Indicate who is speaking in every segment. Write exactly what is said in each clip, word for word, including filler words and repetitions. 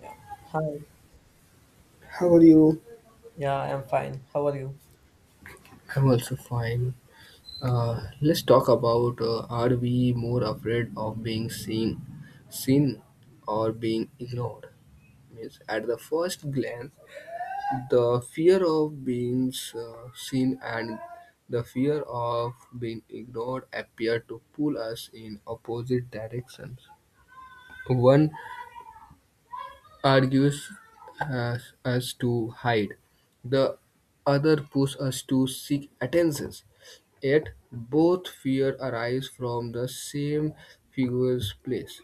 Speaker 1: Yeah. Hi.
Speaker 2: How are you?
Speaker 1: Yeah, I'm fine. How are you?
Speaker 2: I'm also fine. Uh, let's talk about uh, are we more afraid of being seen, seen or being ignored? Means at the first glance, the fear of being uh, seen and the fear of being ignored appear to pull us in opposite directions. One argues us, us to hide. The other pushes us to seek attentions. Yet both fear arise from the same figure's place.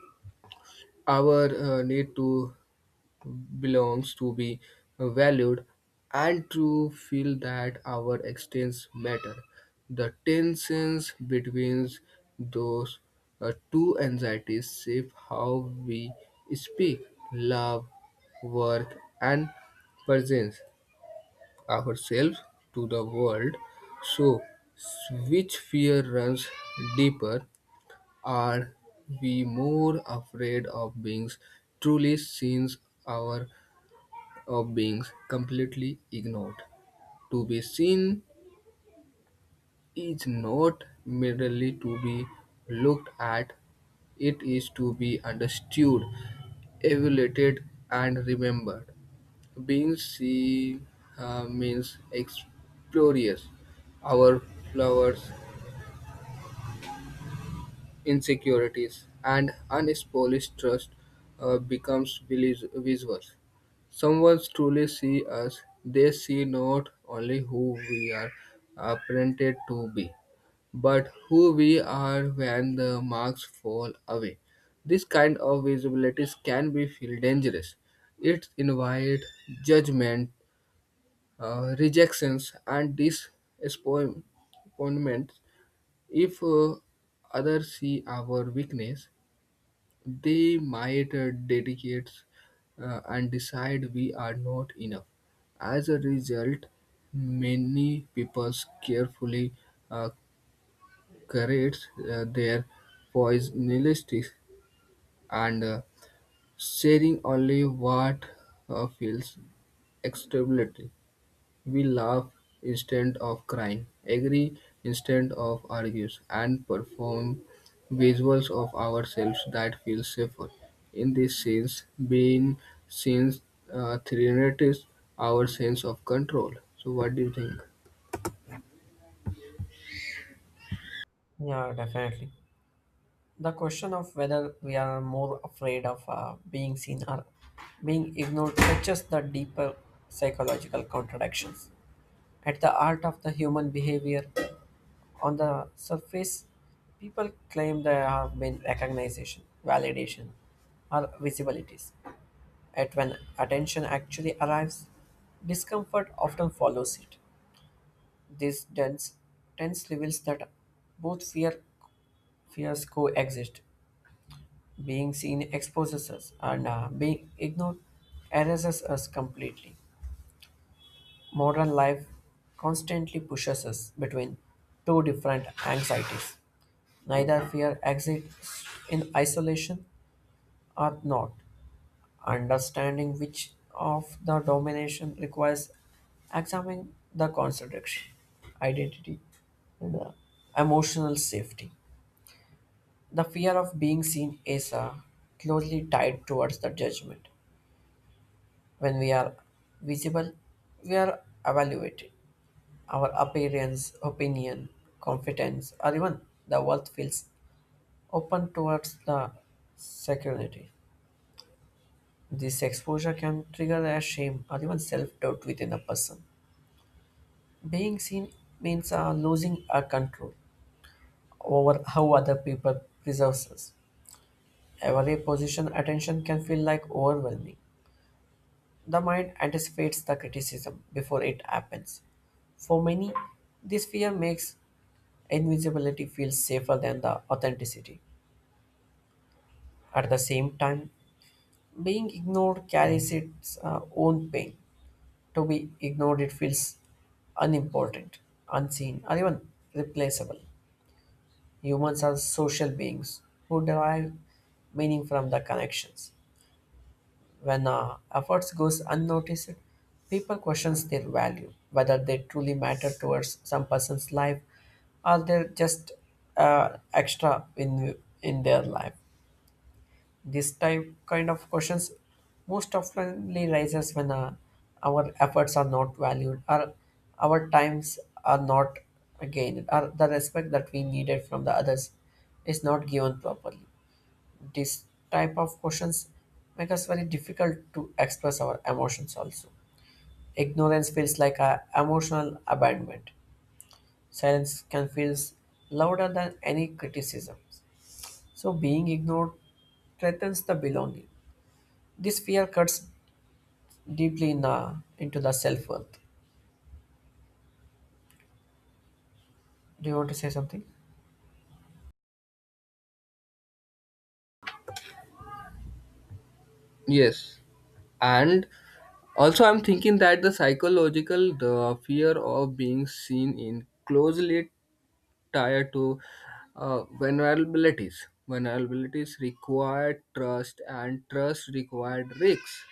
Speaker 2: Our uh, need to belongs to be valued and to feel that our existence matter. The tensions between those uh, two anxieties shape how we speak, love, work, and present ourselves to the world. So, which fear runs deeper? Are we more afraid of being truly seen? Our of beings completely ignored. To be seen is not merely to be looked at, it is to be understood, evaluated, and remembered. Being seen uh, means experience our flowers insecurities, and unespolished trust uh, becomes vis- visual. Someone truly see us, they see not only who we are apprehended to be, but who we are when the marks fall away. This kind of visibilities can be feel dangerous. It invites judgment, uh, rejections, and disappointment. If uh, others see our weakness, they might uh, dedicate uh, and decide we are not enough. As a result, many people carefully uh, curate uh, their poisonalities and uh, sharing only what uh, feels acceptable. We laugh instead of crying, agree instead of argues, and perform visuals of ourselves that feel safer. In these scenes, being scenes uh, threatens our sense of control. So, what do you think?
Speaker 1: Yeah, definitely. The question of whether we are more afraid of uh, being seen or being ignored touches the deeper psychological contradictions. At the heart of the human behavior, on the surface, people claim they have been recognition, validation, or visibilities. At when attention actually arrives, discomfort often follows it. This dense, tense reveals that both fear fears coexist. Being seen exposes us, and uh, being ignored erases us completely. Modern life constantly pushes us between two different anxieties. Neither fear exists in isolation or not. Understanding which of the domination requires examining the contradiction, identity, and uh, emotional safety. The fear of being seen is uh, closely tied towards the judgment. When we are visible, we are evaluated. Our appearance, opinion, confidence, or even the world feels open towards the security. This exposure can trigger a shame or even self doubt within a person. Being seen means uh, losing our control over how other people perceive us. Every position attention can feel like overwhelming. The mind anticipates the criticism before it happens. For many, this fear makes invisibility feel safer than the authenticity. At the same time, being ignored carries its uh, own pain. To be ignored, it feels unimportant, unseen, or even replaceable. Humans are social beings who derive meaning from the connections. When uh, efforts goes unnoticed, people questions their value, whether they truly matter towards some person's life, or they're just uh, extra in in their life. This type kind of questions most oftenly rises when uh, our efforts are not valued, or our times are not gained, or the respect that we needed from the others is not given properly. This type of questions make us very difficult to express our emotions also. Ignorance feels like a emotional abandonment. Silence can feel louder than any criticism. So being ignored threatens the belonging. This fear cuts deeply in, uh, into the self-worth. Do you want to say something?
Speaker 2: Yes, and also I'm thinking that the psychological the fear of being seen in closely tied to uh, vulnerabilities. Vulnerabilities require trust, and trust required risks.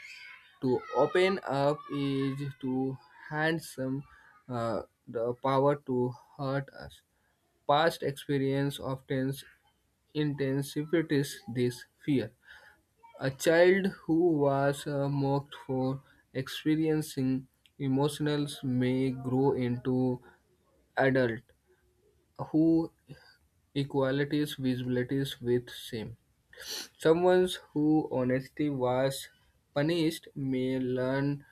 Speaker 2: To open up is to hand some uh, the power to hurt us. Past experience often intensifies this fear. A child who was uh, mocked for experiencing emotions may grow into adult who equalities visibilities with same. Someone who honestly was punished may learn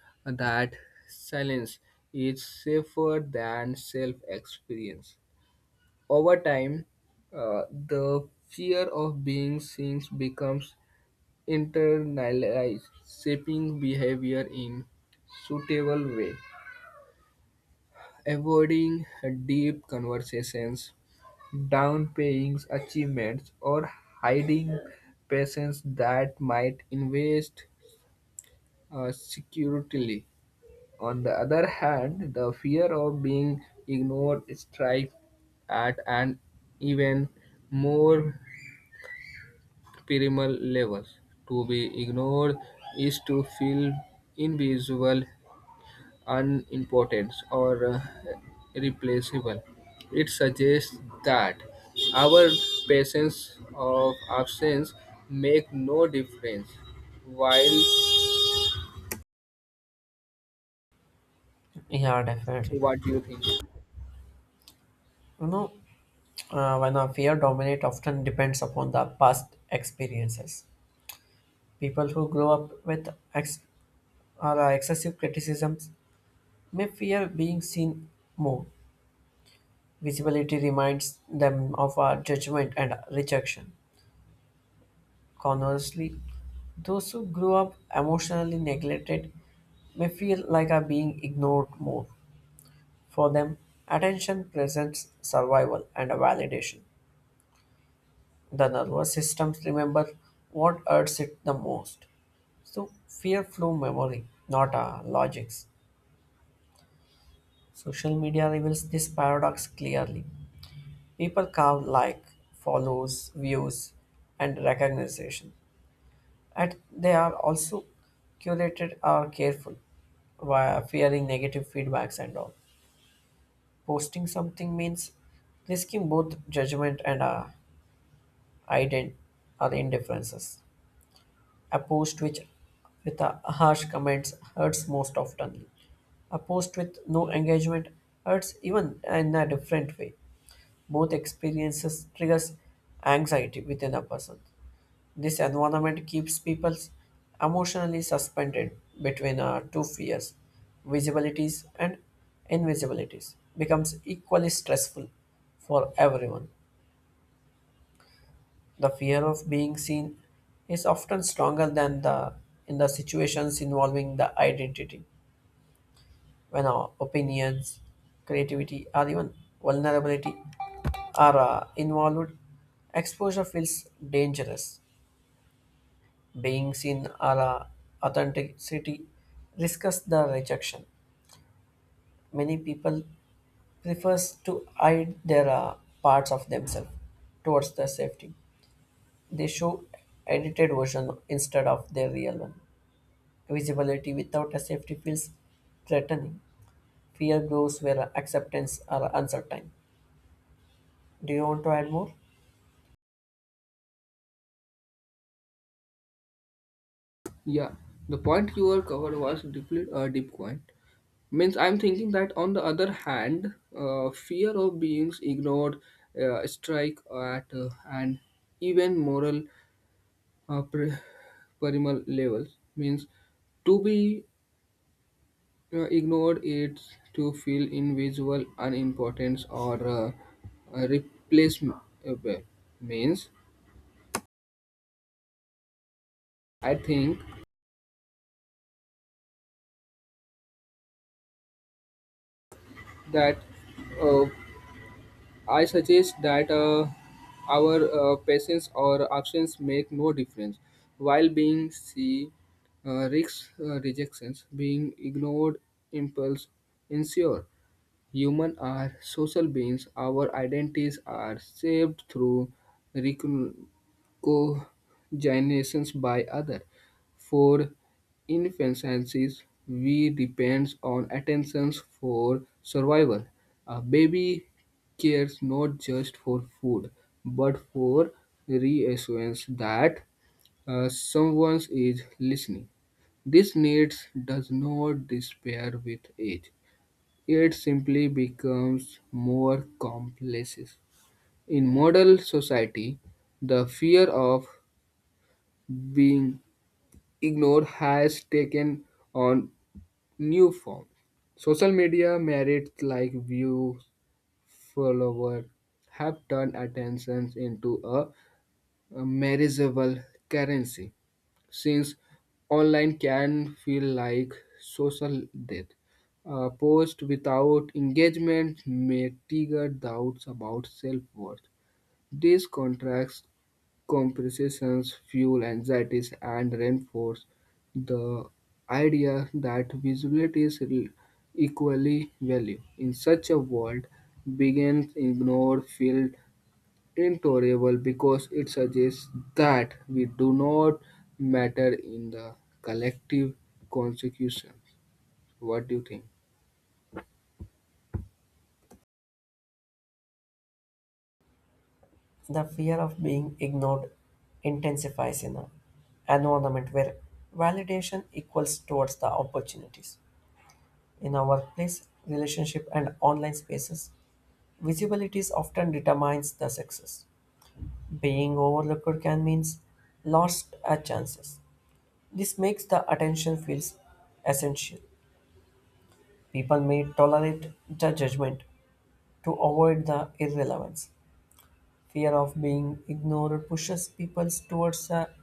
Speaker 2: that silence is safer than self-experience. Over time, uh, the fear of being seen becomes internalized, shaping behavior in suitable way. Avoiding deep conversations downplaying achievements, or hiding patients that might invest uh, securely. On the other hand, the fear of being ignored strikes at an even more primal level. To be ignored is to feel invisible unimportant or uh, replaceable. It suggests that our presence or absence make no difference. While
Speaker 1: Yeah,
Speaker 2: so,
Speaker 1: definitely.
Speaker 2: what do you think?
Speaker 1: You know, uh, when a fear dominate often depends upon the past experiences. People who grow up with ex- or, uh, excessive criticisms may fear being seen more. Visibility reminds them of our judgment and rejection. Conversely, those who grew up emotionally neglected may feel like are being ignored more. For them, attention presents survival and a validation. The nervous systems remember what hurts it the most. So fear flow memory, not our logics. Social media reveals this paradox clearly. People count like, follows, views, and recognition. And they are also curated or careful, while fearing negative feedbacks and all. Posting something means risking both judgment and uh, ident or indifferences. A post which with a harsh comments hurts most often. A post with no engagement hurts even in a different way. Both experiences triggers anxiety within a person. This environment keeps people emotionally suspended between uh, two fears, visibilities and invisibilities, becomes equally stressful for everyone. The fear of being seen is often stronger than the in the situations involving the identity, when our opinions, creativity, or even vulnerability are uh, involved. Exposure feels dangerous being seen or uh, authenticity risks the rejection. Many people prefers to hide their uh, parts of themselves towards the safety. They show edited version instead of their real one. Visibility without a safety feels threatening. Fear grows where acceptance are uncertain. Do you want to add more?
Speaker 2: Yeah, the point you were covered was deeply uh, deep point. Means I'm thinking that on the other hand uh, fear of being ignored uh, strike at uh, an even moral uh, pre- primal levels means to be uh, ignored it to fill in unimportance or uh, uh, replaceable means I think that uh, I suggest that uh, our uh, patience or absence make no difference while being c uh, risks uh, rejections being ignored impulse ensure. Humans are social beings. Our identities are shaped through recognitions by others. For infancies, we depend on attention for survival. A baby cares not just for food, but for reassurance that uh, someone is listening. This need does not disappear with age. It simply becomes more complex. In modern society, the fear of being ignored has taken on new forms. Social media merits like views, followers have turned attention into a, a measurable currency. Since online can feel like social death. A post without engagement may trigger doubts about self-worth. These contracts comparisons fuel anxieties and reinforce the idea that visibility is re- equally value. In such a world, begins ignore field intolerable because it suggests that we do not matter in the collective consecution. What do you think?
Speaker 1: The fear of being ignored intensifies in an environment where validation equals towards the opportunities. In our workplace, relationship, and online spaces, visibility is often determines the success. Being overlooked can mean lost a chances. This makes the attention feels essential. People may tolerate the judgment to avoid the irrelevance. Fear of being ignored pushes people towards a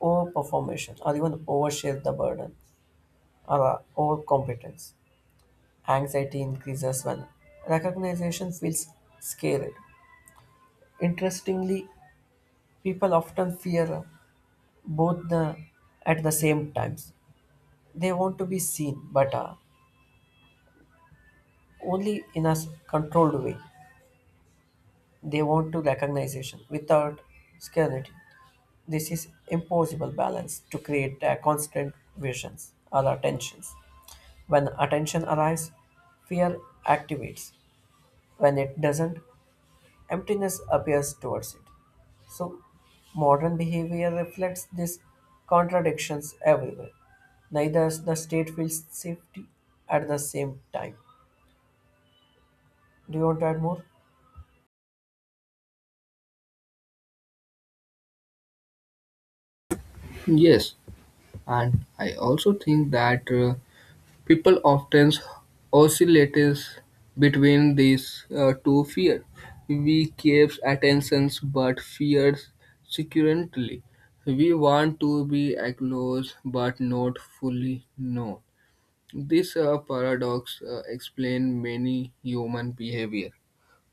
Speaker 1: overperformation or even overshare the burden or uh, overcompetence. Anxiety increases when recognition feels scared. Interestingly, people often fear both the, at the same times. They want to be seen, but uh, only in a s- controlled way. They want to recognition without scarcity. This is impossible balance to create uh, constant visions or attentions. When attention arrives, fear activates. When it doesn't, emptiness appears towards it. So, modern behavior reflects these contradictions everywhere. Neither the state feels safety at the same time. Do you want to add more?
Speaker 2: Yes, and I also think that uh, people often oscillates between these uh, two fears. We crave attentions but fears securely. We want to be acknowledged but not fully known. This uh, paradox uh, explains many human behavior.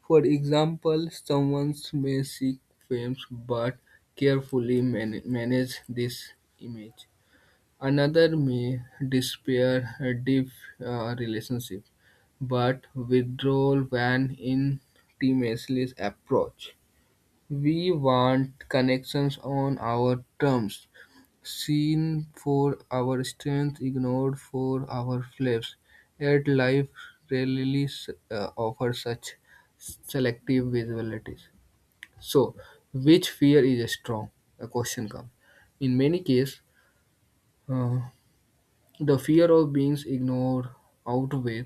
Speaker 2: For example, someone may seek fame but carefully man- manage this image. Another may despair a deep uh, relationship but withdraw when intimacy is approached. We want connections on our terms seen for our strength, ignored for our flaws. Yet life rarely s- uh, offers such selective visibilities. So, which fear is strong? A question comes. In many cases, uh, the fear of being ignored outweighs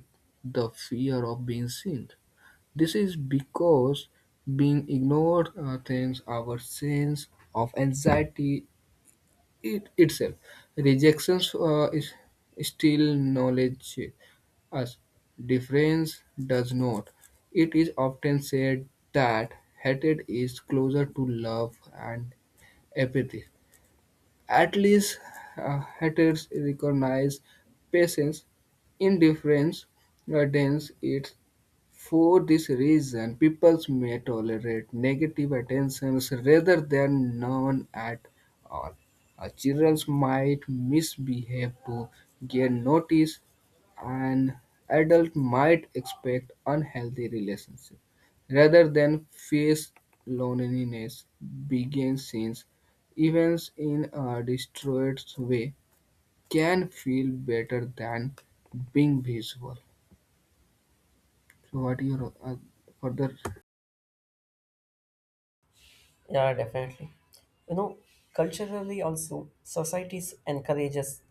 Speaker 2: the fear of being seen. This is because being ignored uh, threatens our sense of anxiety it itself. Rejections uh, is still knowledge as difference does not. It is often said that hatred is closer to love and apathy. At least uh, haters recognize patience, indifference, uh, dance it for this reason, people may tolerate negative attentions rather than none at all. Uh, Children might misbehave to gain notice, and adult might expect unhealthy relationships rather than face loneliness. Begin scenes, even in a destroyed way, can feel better than being visual. So, what do you uh, further.
Speaker 1: Yeah, definitely. You know, Culturally also, societies encourages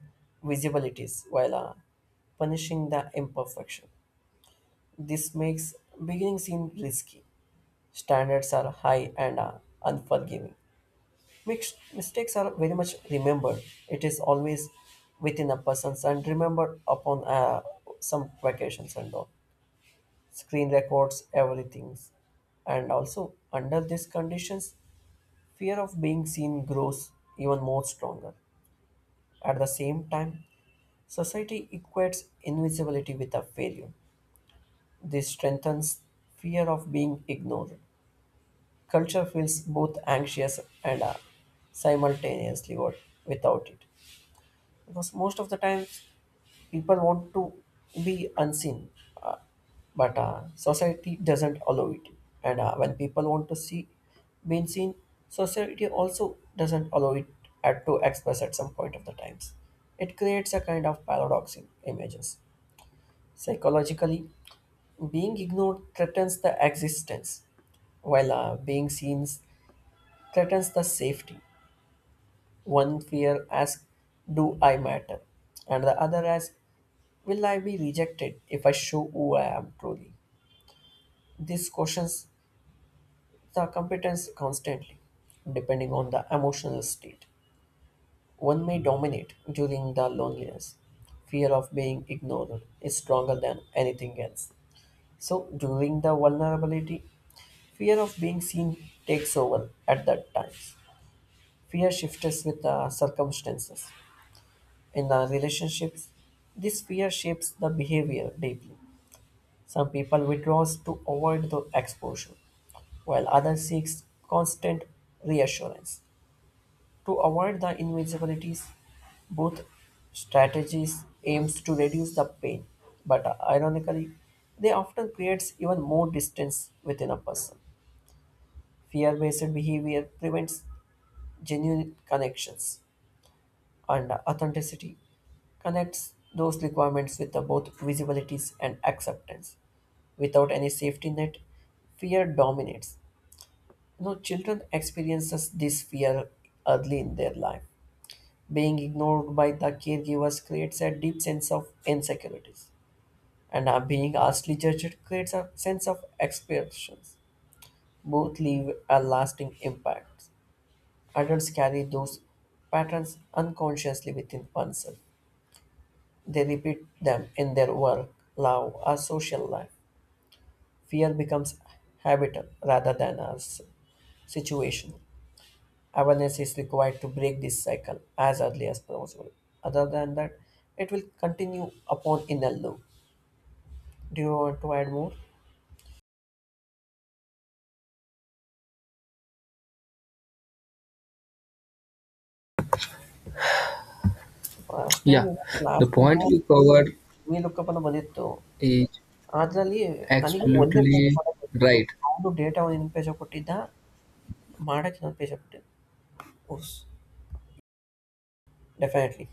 Speaker 1: visibilities while uh, punishing the imperfection. This makes beginning seem risky. Standards are high and uh, unforgiving. Mixed mistakes are very much remembered. It is always within a person's and remembered upon uh, some vacations and all. Screen records everything. And also, under these conditions, fear of being seen grows even more stronger. At the same time, society equates invisibility with a failure. This strengthens fear of being ignored. Culture feels both anxious and uh, simultaneously what without it because most of the time people want to be unseen, uh, but uh, society doesn't allow it. And uh, when people want to see being seen, society also doesn't allow it at to express at some point of the times. It creates a kind of paradox in images. Psychologically, being ignored threatens the existence, while uh, being seen threatens the safety. One fear asks, "Do I matter?" And the other asks, "Will I be rejected if I show who I am truly?" This questions the competence constantly, depending on the emotional state. One may dominate during the loneliness. Fear of being ignored is stronger than anything else. So during the vulnerability, fear of being seen takes over at that times. Fear shifts with the circumstances. In the relationships, this fear shapes the behavior deeply. Some people withdraw to avoid the exposure, while others seeks constant reassurance. To avoid the invisibilities, both strategies aims to reduce the pain, but ironically, they often creates even more distance within a person. Fear-based behavior prevents genuine connections, and authenticity connects those requirements with the both visibilities and acceptance. Without any safety net, fear dominates. No, children experiences this fear early in their life. Being ignored by the caregivers creates a deep sense of insecurities, and uh, being harshly judged creates a sense of expectations. Both leave a lasting impact. Adults carry those patterns unconsciously within oneself. They repeat them in their work, love, or social life. Fear becomes habitual rather than a s- situation. Awareness is required to break this cycle as early as possible. Other than that, it will continue upon in a loop. Do you want to add more? ಅಷ್ಟೇ
Speaker 2: Yeah, the
Speaker 1: last
Speaker 2: point you covered
Speaker 1: ವಿಲೋಕಪ್ಪನ ಬಂದಿತ್ತು
Speaker 2: is
Speaker 1: ಅದರಲ್ಲಿ ನನಗೆ ಒಂದೇ page
Speaker 2: absolutely
Speaker 1: ಮಾಡೋಕ್ಕಿತ್ತು
Speaker 2: right.
Speaker 1: ಅವನು data ಒಂದು ಇನ್ನೊಂದು ಪೇಜ ಕೊಟ್ಟಿದ್ದ ಮಾಡಕ್ಕೆ ಇನ್ನೊಂದು ಪೇಜ ಕೊಟ್ಟಿದ್ದ ಉಸ್ definitely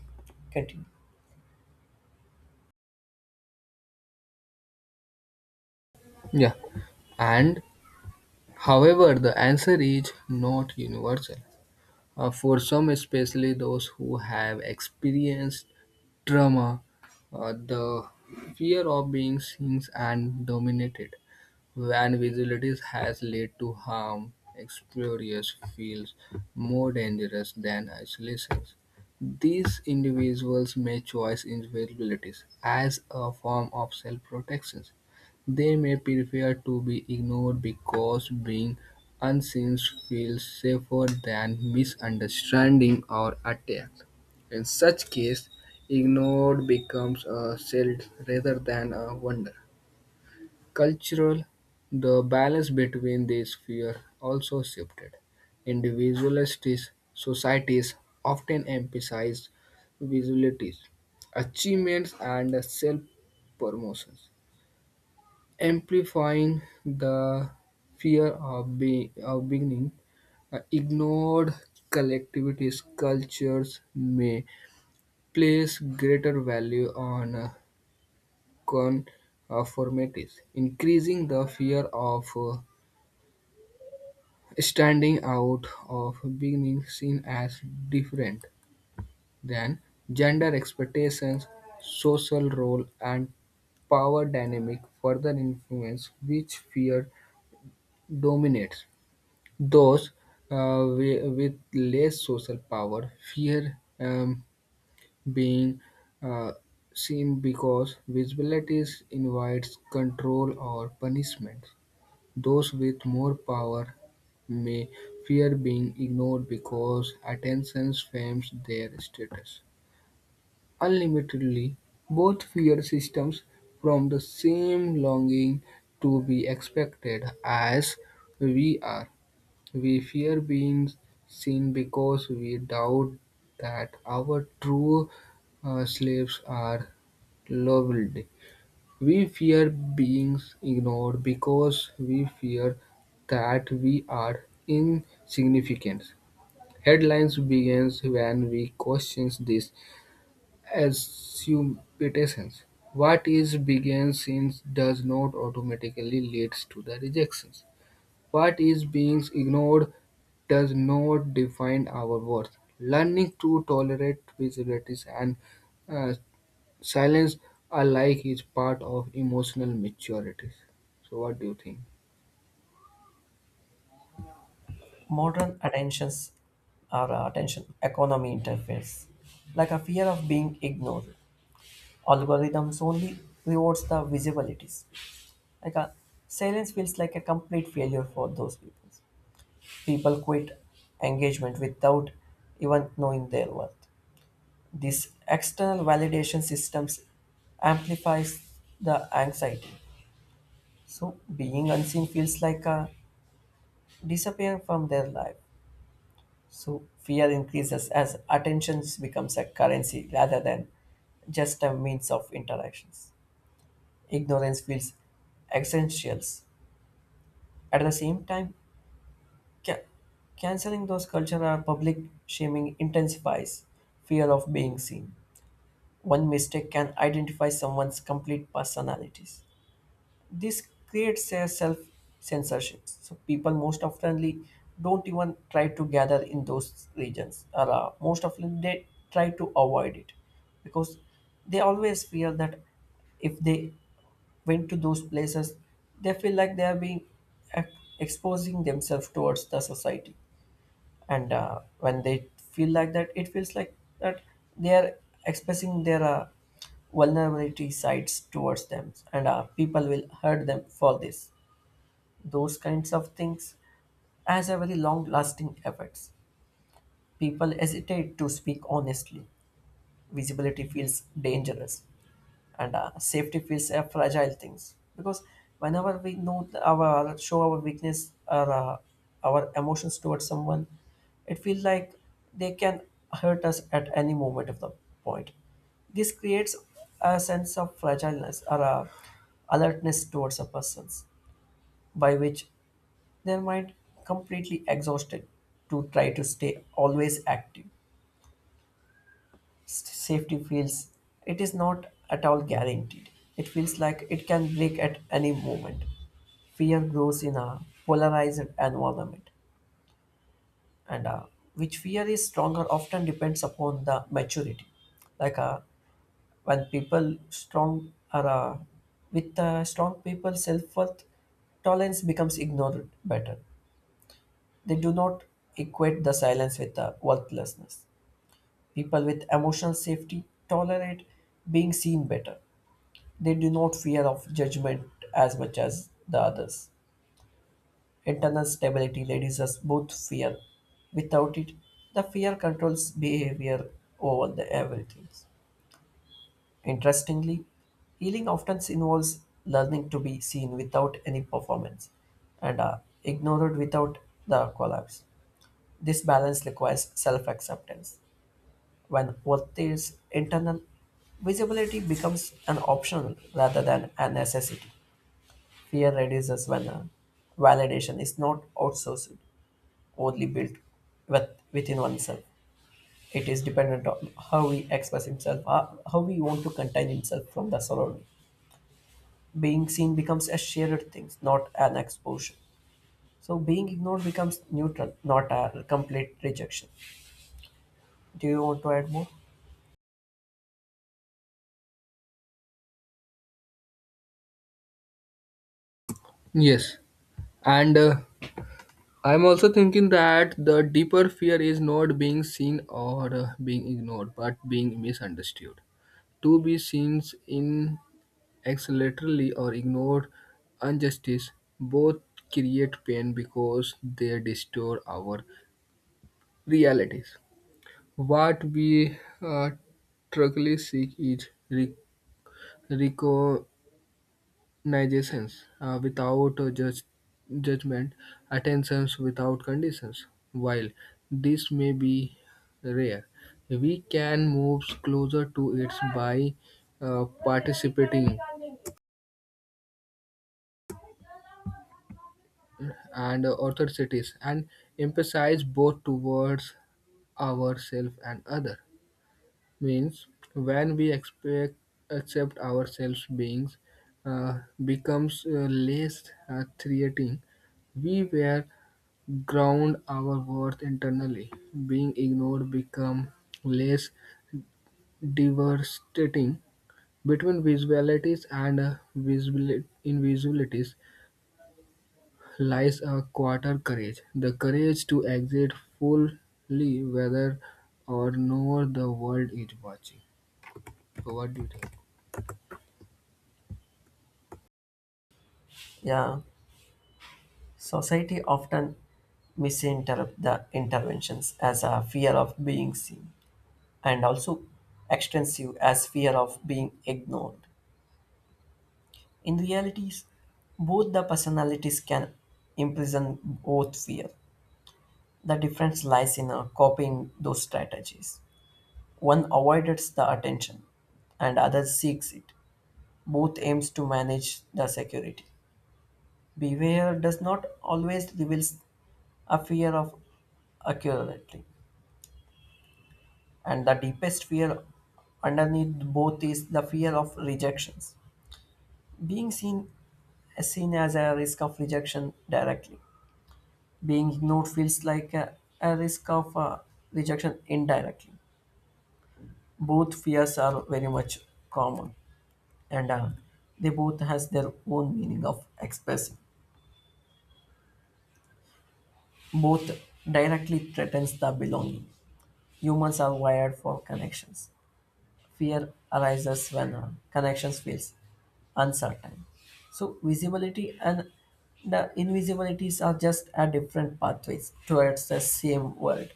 Speaker 1: continue.
Speaker 2: Yeah, and however, the answer is not universal. Uh, for some, especially those who have experienced trauma, uh, the fear of being seen and dominated Van visibilities has led to harm. Explorers feels more dangerous than isolations. These individuals may choose invisibilities as a form of self-protection. They may prefer to be ignored because being unseen feels safer than misunderstanding or attack. In such case, ignored becomes a shield rather than a wonder. Cultural, the balance between these spheres also shifted. Individualist societies often emphasized visualities, achievements, and self promotions amplifying the fear of, be- of beginning uh, ignored collectivities cultures may place greater value on uh, conformities increasing the fear of uh, standing out of being seen as different than gender expectations, social role, and power dynamic further influence which fear dominates. Those uh, wi- with less social power fear um, being uh, seen because visibility invites control or punishment. Those with more power may fear being ignored because attention frames their status unlimitedly. Both fear systems from the same longing to be expected as we are. We fear being seen because we doubt that our true uh, slaves are loved. We fear being ignored because we fear that we are insignificant. Headlines begins when we question these assumptions. What is being seen does not automatically lead to the rejections. What is being ignored does not define our worth. Learning to tolerate visibilities and uh, silence, I like, is part of emotional maturity. So, what do you think?
Speaker 1: Modern attentions or uh, attention economy interferes like a fear of being ignored. Algorithms only rewards the visibilities. Like a silence feels like a complete failure for those people. People quit engagement without even knowing their worth. This external validation systems amplifies the anxiety. So being unseen feels like a disappearing from their life. So fear increases as attention becomes a currency rather than just a means of interactions. Ignorance feels essentials. At the same time, Ca- canceling those culture or public shaming intensifies fear of being seen. One mistake can identify someone's complete personalities. This creates a self censorship. So people most oftenly don't even try to gather in those regions, or uh, most often they try to avoid it because they always fear that if they went to those places, they feel like they are being ex- exposing themselves towards the society. And uh, when they feel like that, it feels like that they are expressing their uh, vulnerability sides towards them, and uh, people will hurt them for this. Those kinds of things as a very long lasting effects, people hesitate to speak honestly. Visibility feels dangerous, and uh, safety feels a fragile things, because whenever we know, th- our show our weakness or uh, our emotions towards someone, it feels like they can hurt us at any moment of the point. This creates a sense of fragileness or a alertness towards a person's, by which their mind completely exhausted to try to stay always active. Safety feels it is not at all guaranteed. It feels like it can break at any moment. Fear grows in a polarized environment, and uh, which fear is stronger often depends upon the maturity. Like uh, when people strong are uh, with uh, strong people, self worth tolerance becomes ignored better. They do not equate the silence with the worthlessness. People with emotional safety tolerate being seen better. They do not fear of judgment as much as the others. Internal stability reduces both fear. Without it, the fear controls behavior over the everything. Interestingly, healing often involves learning to be seen without any performance and uh, ignored without the collapse. This balance requires self acceptance. When worth is internal, visibility becomes an optional rather than a necessity. Fear reduces when uh, validation is not outsourced, only built with, within oneself. It is dependent on how we express himself, uh, how we want to contain himself from the surrounding. Being seen becomes a shared thing, not an exposure. So being ignored becomes neutral, not a complete rejection. Do you want to add more?
Speaker 2: Yes, and uh, I'm also thinking that the deeper fear is not being seen or uh, being ignored, but being misunderstood. To be seen in acceleratory or ignored injustice both create pain because they distort our realities. What we uh, truly seek is re- reco- Nigesence, uh, without uh, judge, judgment, attentions without conditions. While this may be rare, we can move closer to it by uh, participating and uh, authorities and emphasize both towards ourselves and other means when we expect accept ourselves beings uh, becomes uh, less uh, threatening we were ground our worth internally. Being ignored become less devastating. Between visualities and uh, visibil- invisibilities lies a quarter courage. The courage to exist fully whether or not the world is watching. So what do you think?
Speaker 1: Yeah, society often misinterpret the interventions as a fear of being seen, and also extensive as fear of being ignored. In realities, both the personalities can imprison both fear. The difference lies in uh, copying those strategies. One avoids the attention and other seeks it. Both aims to manage the security. Beware does not always reveal a fear of accurately. And the deepest fear underneath both is the fear of rejections. Being seen seen as a risk of rejection directly, being ignored feels like a, a risk of uh, rejection indirectly. Both fears are very much common, and uh, they both has their own meaning of expressing. Both directly threatens the belonging. Humans are wired for connections. Fear arises when uh, connections feels uncertain. So visibility and the invisibilities are just a different pathways towards the same world.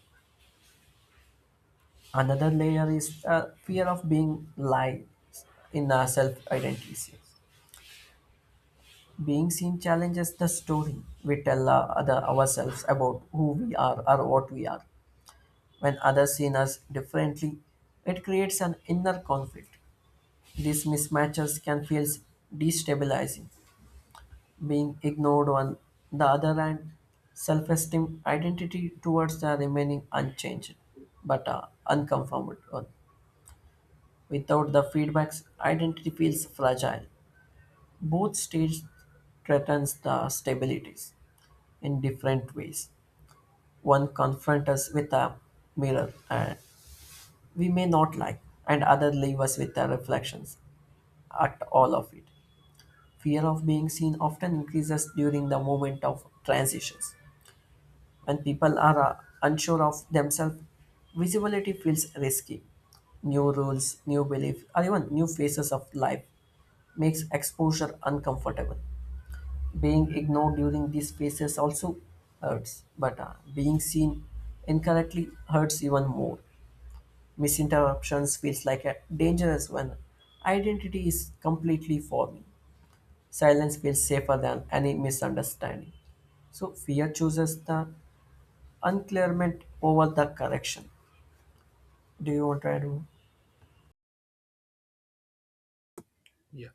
Speaker 1: Another layer is uh, fear of being lied in our self identities. Being seen challenges the story we tell uh, other ourselves about who we are or what we are. When others see us differently, it creates an inner conflict. These mismatches can feel destabilizing. Being ignored, on the other hand, self-esteem identity towards the remaining unchanged, but uh, unconformed one. Without the feedbacks, identity feels fragile. Both stages threatens the stabilities in different ways. One confronts us with a mirror and we may not like, and other leave us with their reflections. At all of it, fear of being seen often increases during the moment of transitions. When people are uh, unsure of themselves, visibility feels risky. New rules, new beliefs, or even new phases of life makes exposure uncomfortable. Being ignored during these phases also hurts, but uh, being seen incorrectly hurts even more. Misinterruptions feels like a dangerous when identity is completely forming. Silence feels safer than any misunderstanding. So fear chooses the unclearment over the correction. Do you want to add more?
Speaker 2: Yeah.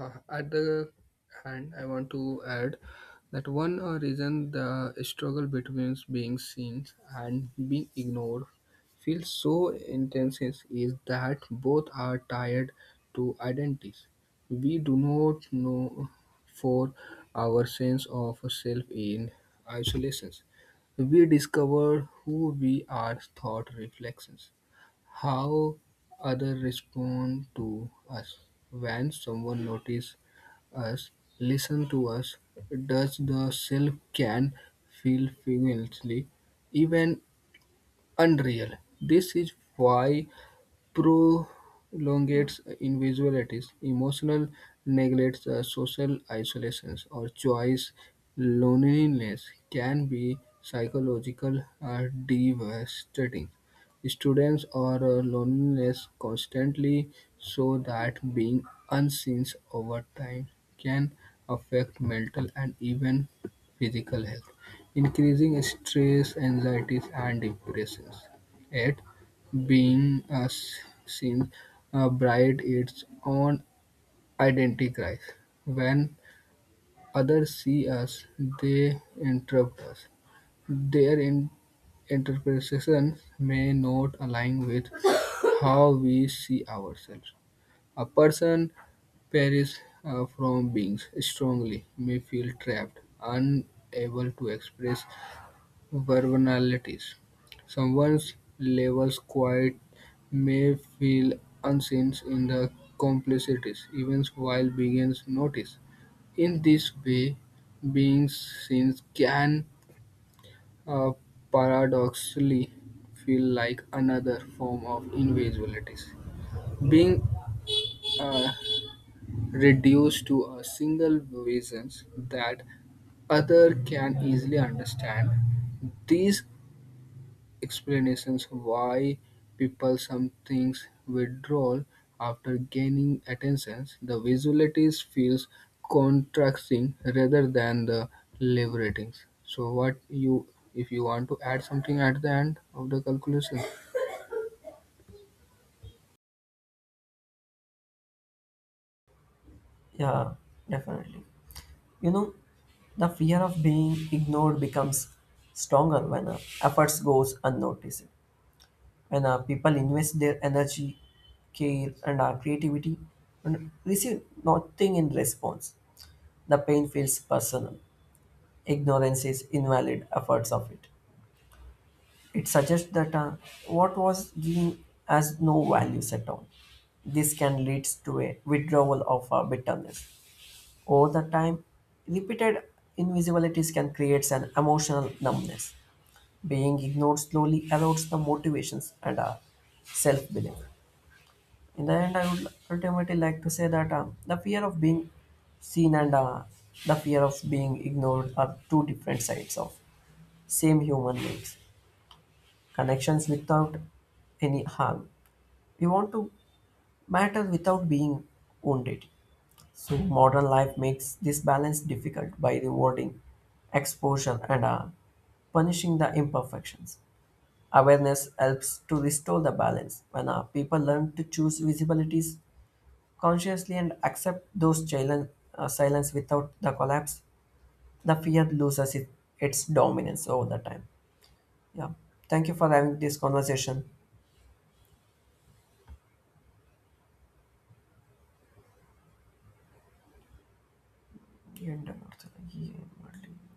Speaker 2: Uh, at the hand, I want to add that one uh, reason the struggle between being seen and being ignored feels so intense is, is that both are tied to identities. We do not know for our sense of self in isolations. We discover who we are thought reflections how others respond to us when someone notices us listen to us does the self can feel figuratively even unreal. This is why prolongates invisibilities, emotional neglects, uh, social isolations, or choice loneliness can be psychological uh, devastating. Students are uh, loneliness constantly, so that being unseen over time can affect mental and even physical health, increasing stress, anxieties, and depressions. Yet, being uh, seen uh, bride its own identity crisis. When others see us, they interrupt us. Their in- interpretations may not align with how we see ourselves. A person perishes uh, from beings strongly may feel trapped, unable to express vulnerabilities: someone's levels quite may feel unseen in the complexities, even while being notice. In this way, being seen can uh, paradoxically feel like another form of invisibility. Being uh, reduced to a single vision that other can easily understand. These explanations why people sometimes withdraw after gaining attention. The visualities feels contrasting rather than the liberating. So what you if you want to add something at the end of the calculation?
Speaker 1: Yeah, definitely. You know, the fear of being ignored becomes stronger when uh, efforts goes unnoticed. When uh, people invest their energy, care, and uh, creativity and receive nothing in response, the pain feels personal. Ignorance is invalid efforts of it. It suggests that uh, what was given has no values at all. This can lead to a withdrawal of uh, bitterness. Over the time, repeated invisibilities can create an emotional numbness. Being ignored slowly erodes the motivations and uh, self belief. In the end, I would ultimately like to say that uh, the fear of being seen and uh, the fear of being ignored are two different sides of same human needs. Connections without any harm. We want to matter without being wounded. So modern life makes this balance difficult by rewarding exposure and uh, punishing the imperfections. Awareness helps to restore the balance when uh, people learn to choose visibilities consciously and accept those silent, uh, silence without the collapse. The fear loses it, its dominance over the time. Yeah. Thank you for having this conversation. And, uh,